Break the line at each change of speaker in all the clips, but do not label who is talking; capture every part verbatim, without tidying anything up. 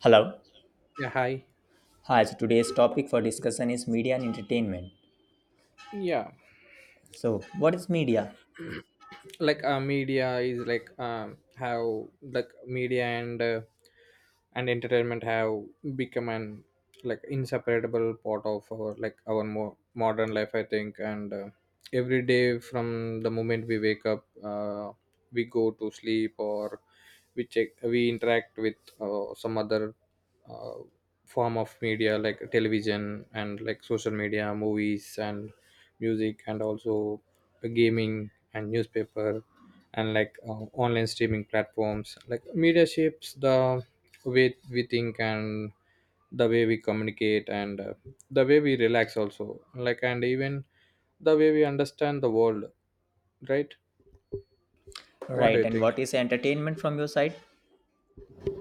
Hello.
Yeah, hi.
Hi. So today's topic for discussion is media and entertainment.
Yeah,
So, what is media?
like uh, media is like um how like media and uh, and entertainment have become an like inseparable part of our like our more modern life, I think. And uh, Every day from the moment we wake up, uh, we go to sleep or we check we interact with uh, some other uh, form of media like television and like social media movies and music and also gaming and newspaper and like uh, online streaming platforms. Like media shapes the way we think and the way we communicate and, uh, the way we relax also, like, and even the way we understand the world, right? What do
Right.
you
And
think?
what is entertainment from your side?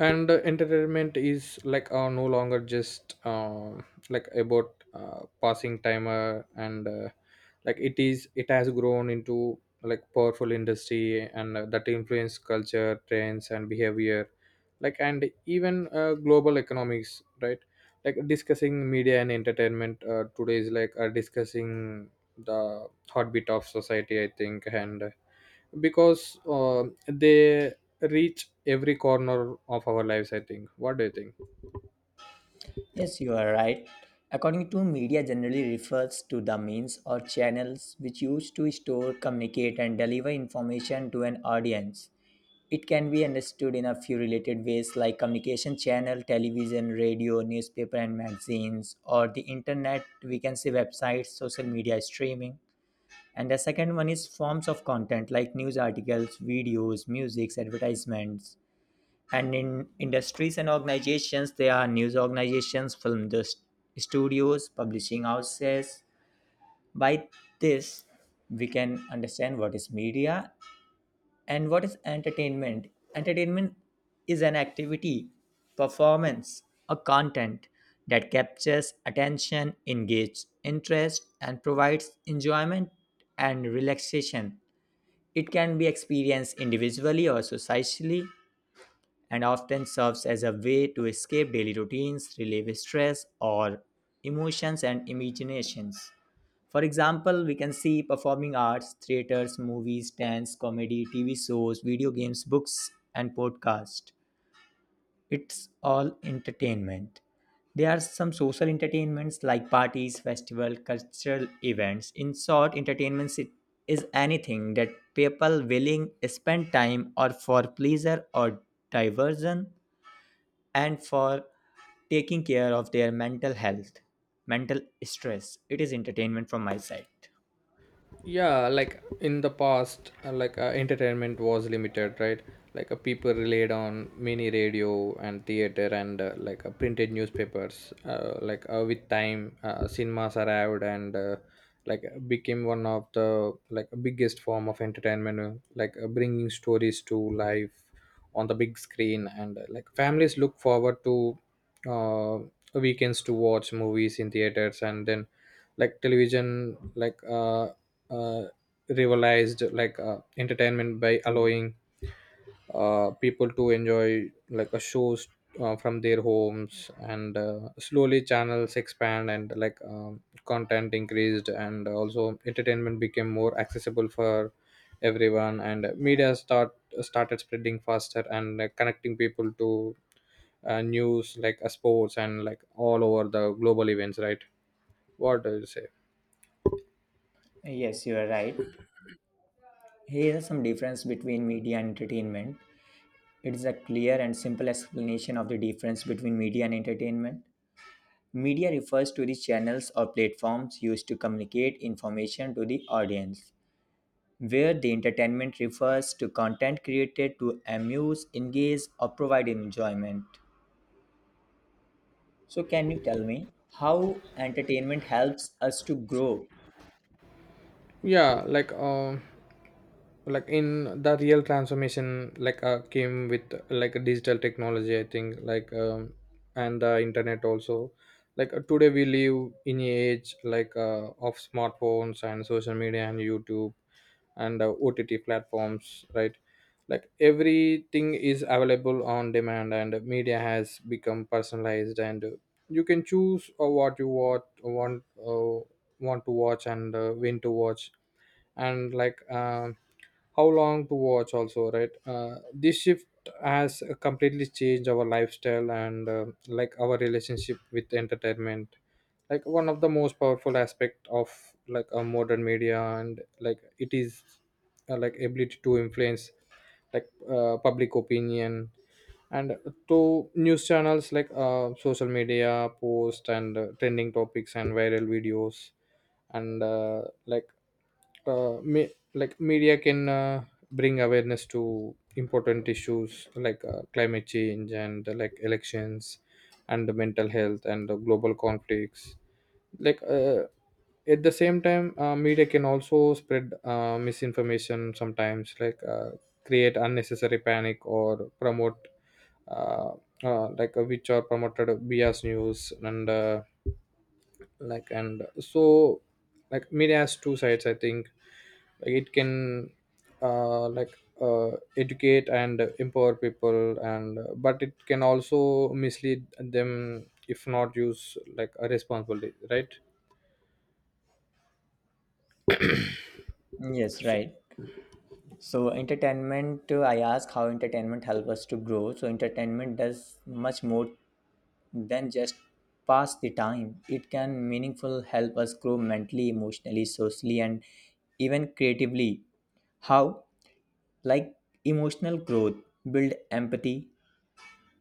And uh, Entertainment is like uh, no longer just, uh, like about, uh, passing time uh, and uh, like it is it has grown into like powerful industry and, uh, that influence culture trends and behavior, like, and even, uh, global economics, right? Like discussing media and entertainment uh, today is like uh, discussing the heartbeat of society, I think, and because, uh, they reach every corner of our lives, I think. What do you think?
Yes, you are right. According to media, generally refers to the means or channels which used to store, communicate, and deliver information to an audience. It can be understood in a few related ways like communication channel, television, radio, newspaper, and magazines, or the internet. We can say websites, social media streaming. And the second one is forms of content like news articles, videos, music, advertisements, and in industries and organizations there are news organizations, film indus- studios, publishing houses. By this we can understand what is media and what is entertainment. Entertainment is an activity, performance, or content that captures attention, engages interest, and provides enjoyment and relaxation. It can be experienced individually or societally, and often serves as a way to escape daily routines, relieve stress or emotions and imaginations. For example, we can see performing arts, theaters, movies, dance, comedy, T V shows, video games, books, and podcasts. It's all entertainment. There are some social entertainments like parties, festival, cultural events. In short, entertainments, it is anything that people willing spend time or for pleasure or diversion and for taking care of their mental health, mental stress. It is entertainment from my side.
Yeah, like in the past, uh, like uh, entertainment was limited, right? Like uh, people relied on mini radio and theater and, uh, like uh, printed newspapers uh, like uh, With time, uh, cinemas arrived and, uh, like became one of the like biggest form of entertainment, uh, like uh, bringing stories to life on the big screen. And, uh, like families look forward to, uh, weekends to watch movies in theaters. And then like television, like uh, uh, revitalized like uh, entertainment by
Hmm.
allowing, uh, people to enjoy like a shows, uh, from their homes. And, uh, slowly channels expand and like um, content increased and also entertainment became more accessible for everyone. And media start started spreading faster and, uh, connecting people to, uh, news, like uh, sports and like all over the global events, right? What do you say?
Yes, you are right. Here are some difference between media and entertainment. It is a clear and simple explanation of the difference between media and entertainment. Media refers to the channels or platforms used to communicate information to the audience, where the entertainment refers to content created to amuse, engage, or provide enjoyment. So, can you tell me how entertainment helps us to grow?
Yeah like uh, like in the real transformation, like uh, came with like a digital technology, I think, like um, and the internet also. Like uh, today we live in a age like uh, of smartphones and social media and youtube and, uh, ott platforms, right? Like everything is available on demand and media has become personalized. And, uh, you can choose, uh, what you want want uh, want to watch and, uh, when to watch and like um how long to watch also, right? Uh, this shift has completely changed our lifestyle and, uh, like our relationship with entertainment. Like one of the most powerful aspect of like a modern media and like it is, uh, like ability to influence like uh, public opinion and to news channels, like uh, social media post and, uh, trending topics and viral videos. And uh, like uh, ma- like media can, uh, bring awareness to important issues like uh, climate change and, uh, like elections and the mental health and the global conflicts. like uh, at the same time, uh, media can also spread, uh, misinformation sometimes, like uh, create unnecessary panic or promote, uh, uh, like uh, which are promoted bias news. And uh, like and so like media has two sides, I think. Like it can, uh, like uh, educate and empower people, and but it can also mislead them if not used like a responsibility, right?
Yes,
So,
right. So entertainment, uh, I ask how entertainment helps us to grow. So entertainment does much more than just pass the time. It can meaningful help us grow mentally, emotionally, socially, and even creatively. How? Like emotional growth, build empathy.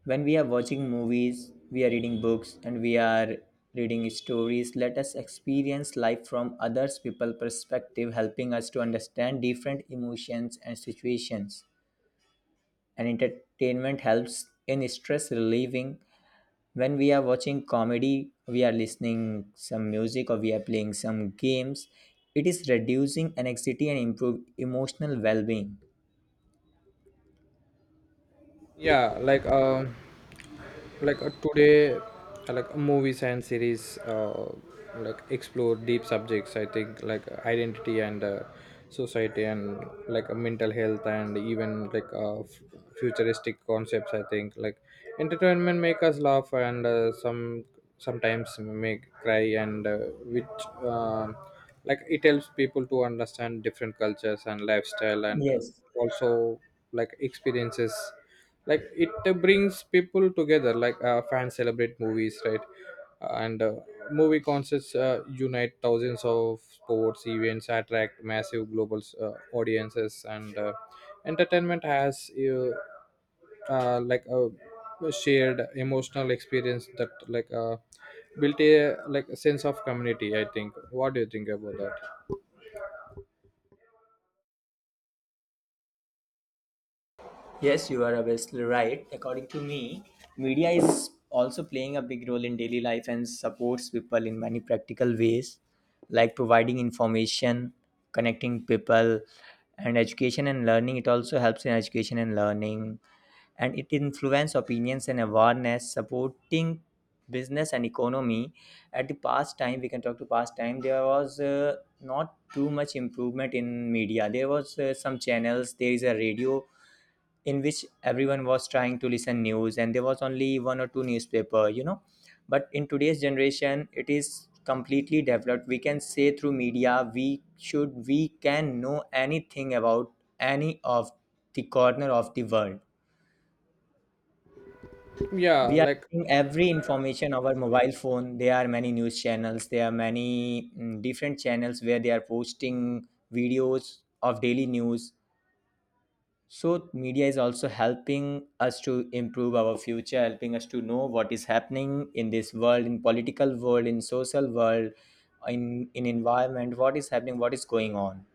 When we are watching movies, we are reading books, and we are reading stories, let us experience life from others people perspective, helping us to understand different emotions and situations. And entertainment helps in stress relieving. When we are watching comedy, we are listening some music, or we are playing some games, it is reducing anxiety and improve emotional well-being.
yeah, like um like uh, today, uh, like movies and series, uh, like explore deep subjects, I think, like identity and, uh, society and like uh, mental health, and even like uh, f- futuristic concepts, I think. Like entertainment make us laugh and, uh, some sometimes make cry and, uh, which um like it helps people to understand different cultures and lifestyle and, uh,
Yes,
also like experiences. Like it, uh, brings people together, like uh, fans celebrate movies, right? And, uh, movie concerts, uh, unite thousands of sports events attract massive global, uh, audiences. And, uh, entertainment has, uh, uh, like a shared emotional experience that like uh, built a like a sense of community, I think. What do you think about that?
yes, you are obviously right. According to me, media is also playing a big role in daily life and supports people in many practical ways, like providing information, connecting people, and education and learning. It also helps in education and learning, and it influences opinions and awareness, supporting business and economy. At the past time, we can talk to past time, there was uh, not too much improvement in media. There was uh, some channels, there is a radio in which everyone was trying to listen news, and there was only one or two newspaper, you know. But in today's generation, it is completely developed. We can say through media, we should we can know anything about any of the corner of the world.
yeah
We are
like
getting every information our mobile phone. There are many news channels, there are many mm, different channels where they are posting videos of daily news. So media is also helping us to improve our future, helping us to know what is happening in this world, in political world, in social world, in in environment, what is happening, what is going on.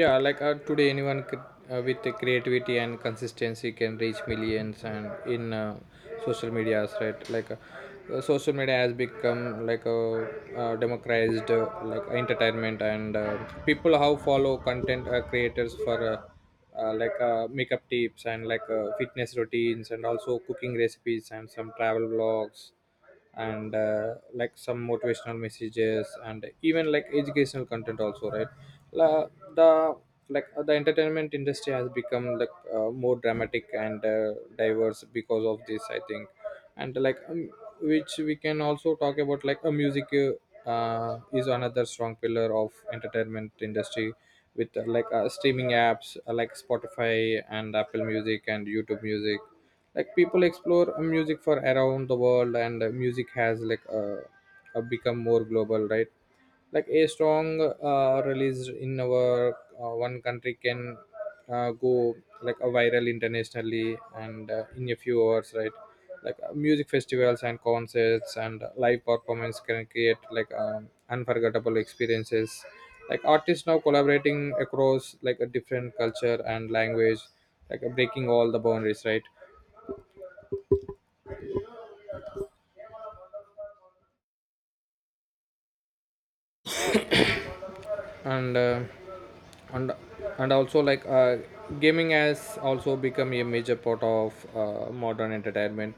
yeah like uh, today anyone could, uh, with the creativity and consistency can reach millions and in, uh, social medias, right? Like uh, uh, social media has become like a, uh, democratized, uh, like entertainment. And, uh, people how follow content, uh, creators for, uh, uh, like uh, makeup tips and like uh, fitness routines and also cooking recipes and some travel vlogs and, uh, like some motivational messages and even like educational content also, right? La, the like uh, the entertainment industry has become like uh, more dramatic and, uh, diverse because of this, I think. And like um, Which we can also talk about like a music, uh, uh, is another strong pillar of entertainment industry with, uh, like uh, streaming apps, uh, like spotify and apple music and youtube music. Like people explore, uh, music for around the world. And, uh, music has like uh, uh, become more global, right? Like a song, uh, released in our, uh, one country can, uh, go like a viral internationally and, uh, in a few hours, right? Like uh, music festivals and concerts and live performance can create like um, unforgettable experiences. Like artists now collaborating across like a different culture and language, like uh, breaking all the boundaries, right? And uh, and and also like uh, gaming has also become a major part of, uh, modern entertainment.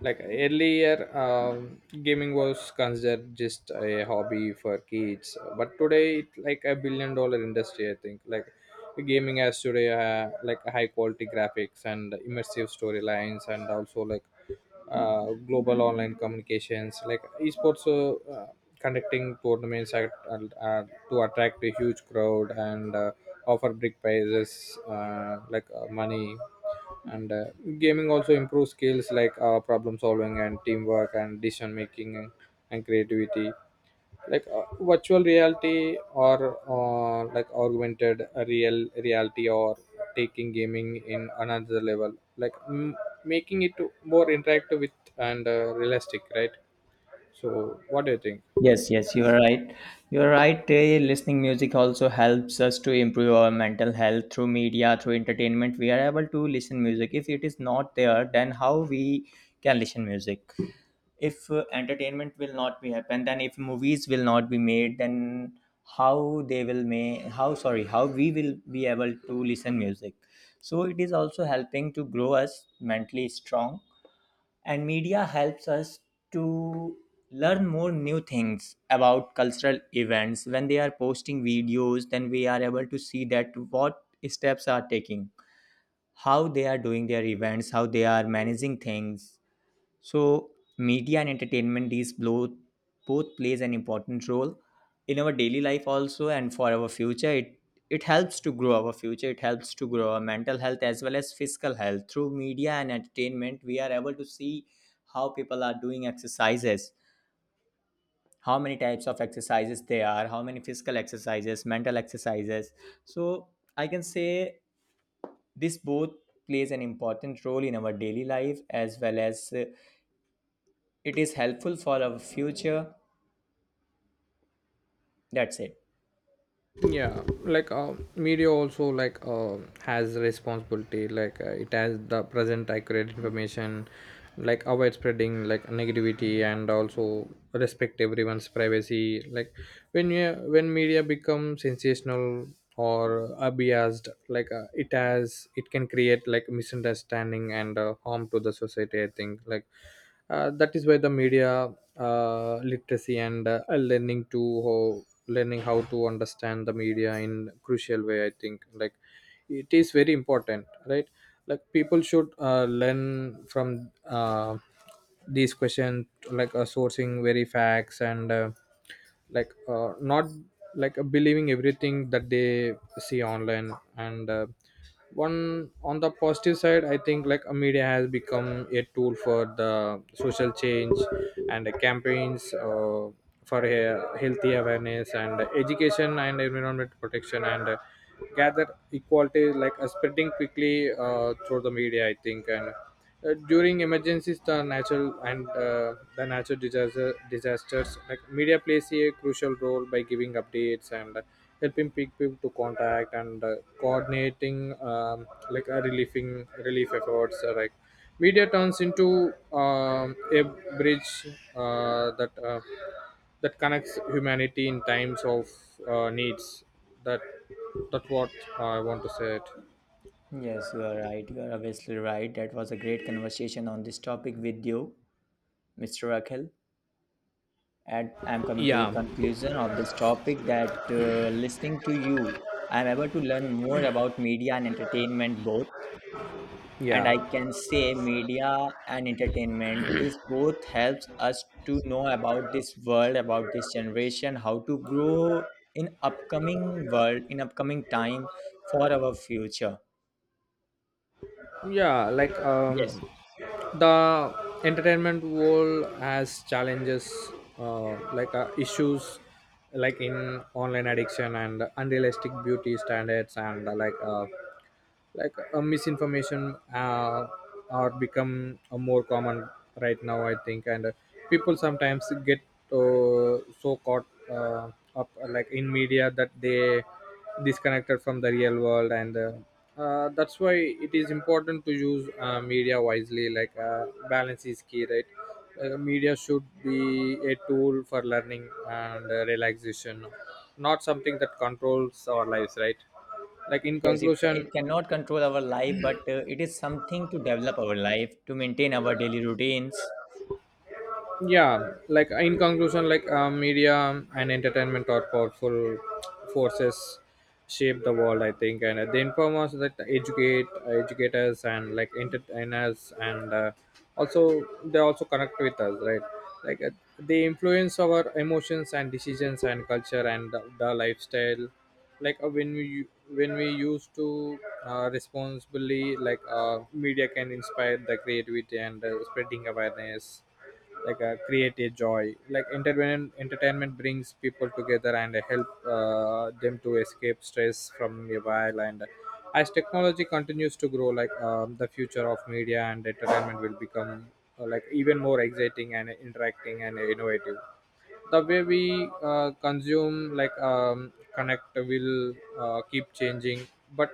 Like earlier, um, gaming was considered just a hobby for kids, but today it's like a billion dollar industry, I think. Like gaming has today, uh, like high quality graphics and immersive storylines, and also like uh, global online communications. Like esports, uh, uh, conducting tournaments at, uh, to attract a huge crowd and, uh, offer big prizes, uh, like uh, money. And, uh, gaming also improves skills like uh, problem solving and teamwork and decision making and creativity. Like uh, virtual reality or, uh, like augmented real reality or taking gaming in another level like m- making it more interactive with and, uh, realistic, right? So what do you think?
Yes, yes, you are right. You are right. eh, Listening music also helps us to improve our mental health through media, through entertainment. We are able to listen music. If it is not there, then how we can listen music? If uh, entertainment will not be happen, then if movies will not be made, then how they will make how sorry how we will be able to listen music. So it is also helping to grow us mentally strong, and media helps us to learn more new things about cultural events. When they are posting videos, then we are able to see that what steps are taking, how they are doing their events, how they are managing things. So, media and entertainment, these both both plays an important role in our daily life also, and for our future. It it helps to grow our future. It helps to grow our mental health as well as physical health. Through media and entertainment, we are able to see how people are doing exercises, how many types of exercises they are, how many physical exercises, mental exercises. So I can say this both plays an important role in our daily life as well as, uh, it is helpful for our future. That's it.
Yeah, like uh, media also, like uh, has responsibility, like uh, it has the present accurate information, like avoid spreading like negativity and also respect everyone's privacy. Like when you when media becomes sensational or abused, like uh, it has it can create like misunderstanding and, uh, harm to the society, I think. Like uh, that is where the media, uh, literacy and, uh, learning to how, learning how to understand the media in crucial way, I think. Like it is very important, right? Like people should, uh, learn from, uh, these questions, like uh, sourcing very facts, and, uh, like uh, not like uh, believing everything that they see online. And, uh, one on the positive side, I think, like a media has become a tool for the social change and the campaigns, uh, for a healthy awareness and education and environment protection and, uh, gather equality like uh, spreading quickly, uh, through the media, I think. And, uh, during emergencies the natural and, uh, the natural disaster disasters, like media plays a crucial role by giving updates and, uh, helping people to contact and, uh, coordinating, um, like uh, relieving relief efforts, uh, like media turns into, um, a bridge, uh, that uh, that connects humanity in times of, uh, needs. That that's what I want to say it.
Yes, you are right. You are obviously right. That was a great conversation on this topic with you, mister Rakhil. And I'm coming to the
Yeah,
conclusion of this topic that, uh, listening to you, I'm able to learn more about media and entertainment both. And I
yeah
can say media and entertainment, this both helps us to know about this world, about this generation, how to grow in upcoming world, in upcoming time, for our future.
yeah like um
Yes,
the entertainment world has challenges, uh, like uh, issues like in online addiction and unrealistic beauty standards, and, uh, like uh, like uh, misinformation, uh, are become, uh, more common right now, I think. And, uh, people sometimes get, uh, so caught, uh, up, uh, like in media that they disconnected from the real world. And, uh, uh, that's why it is important to use, uh, media wisely, like uh, balance is key, right? Uh, media should be a tool for learning and, uh, relaxation, not something that controls our lives, right? Like in
yes, it,
conclusion,
it cannot control our life, but uh, it is something to develop our life, to maintain our daily routines.
yeah, like in conclusion, like uh, media and entertainment are powerful forces shape the world, I think. And, uh, they inform us, that educate educate us and like entertain us, and, uh, also they also connect with us, right? like uh, they influence our emotions and decisions and culture and the, the lifestyle. Like uh, when we when we used to, uh, responsibly, like uh, media can inspire the creativity and, uh, spreading awareness, like uh, create a joy. Like entertainment entertainment brings people together and help, uh, them to escape stress from a while. And as technology continues to grow, like um, the future of media and entertainment will become, uh, like even more exciting and interacting and innovative. The way we, uh, consume, like um, connect will, uh, keep changing. But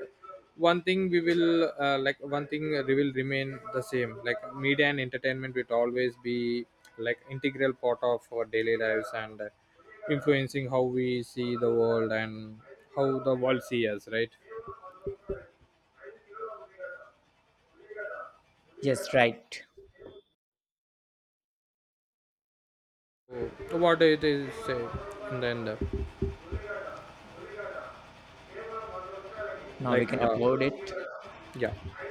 one thing we will uh, like one thing we will remain the same. Like media and entertainment will always be like integral part of our daily lives and, uh, influencing how we see the world and how the world see us, right?
Yes, right.
So what it is, uh, and then uh,
Now we
like
can
uh,
upload it.
yeah.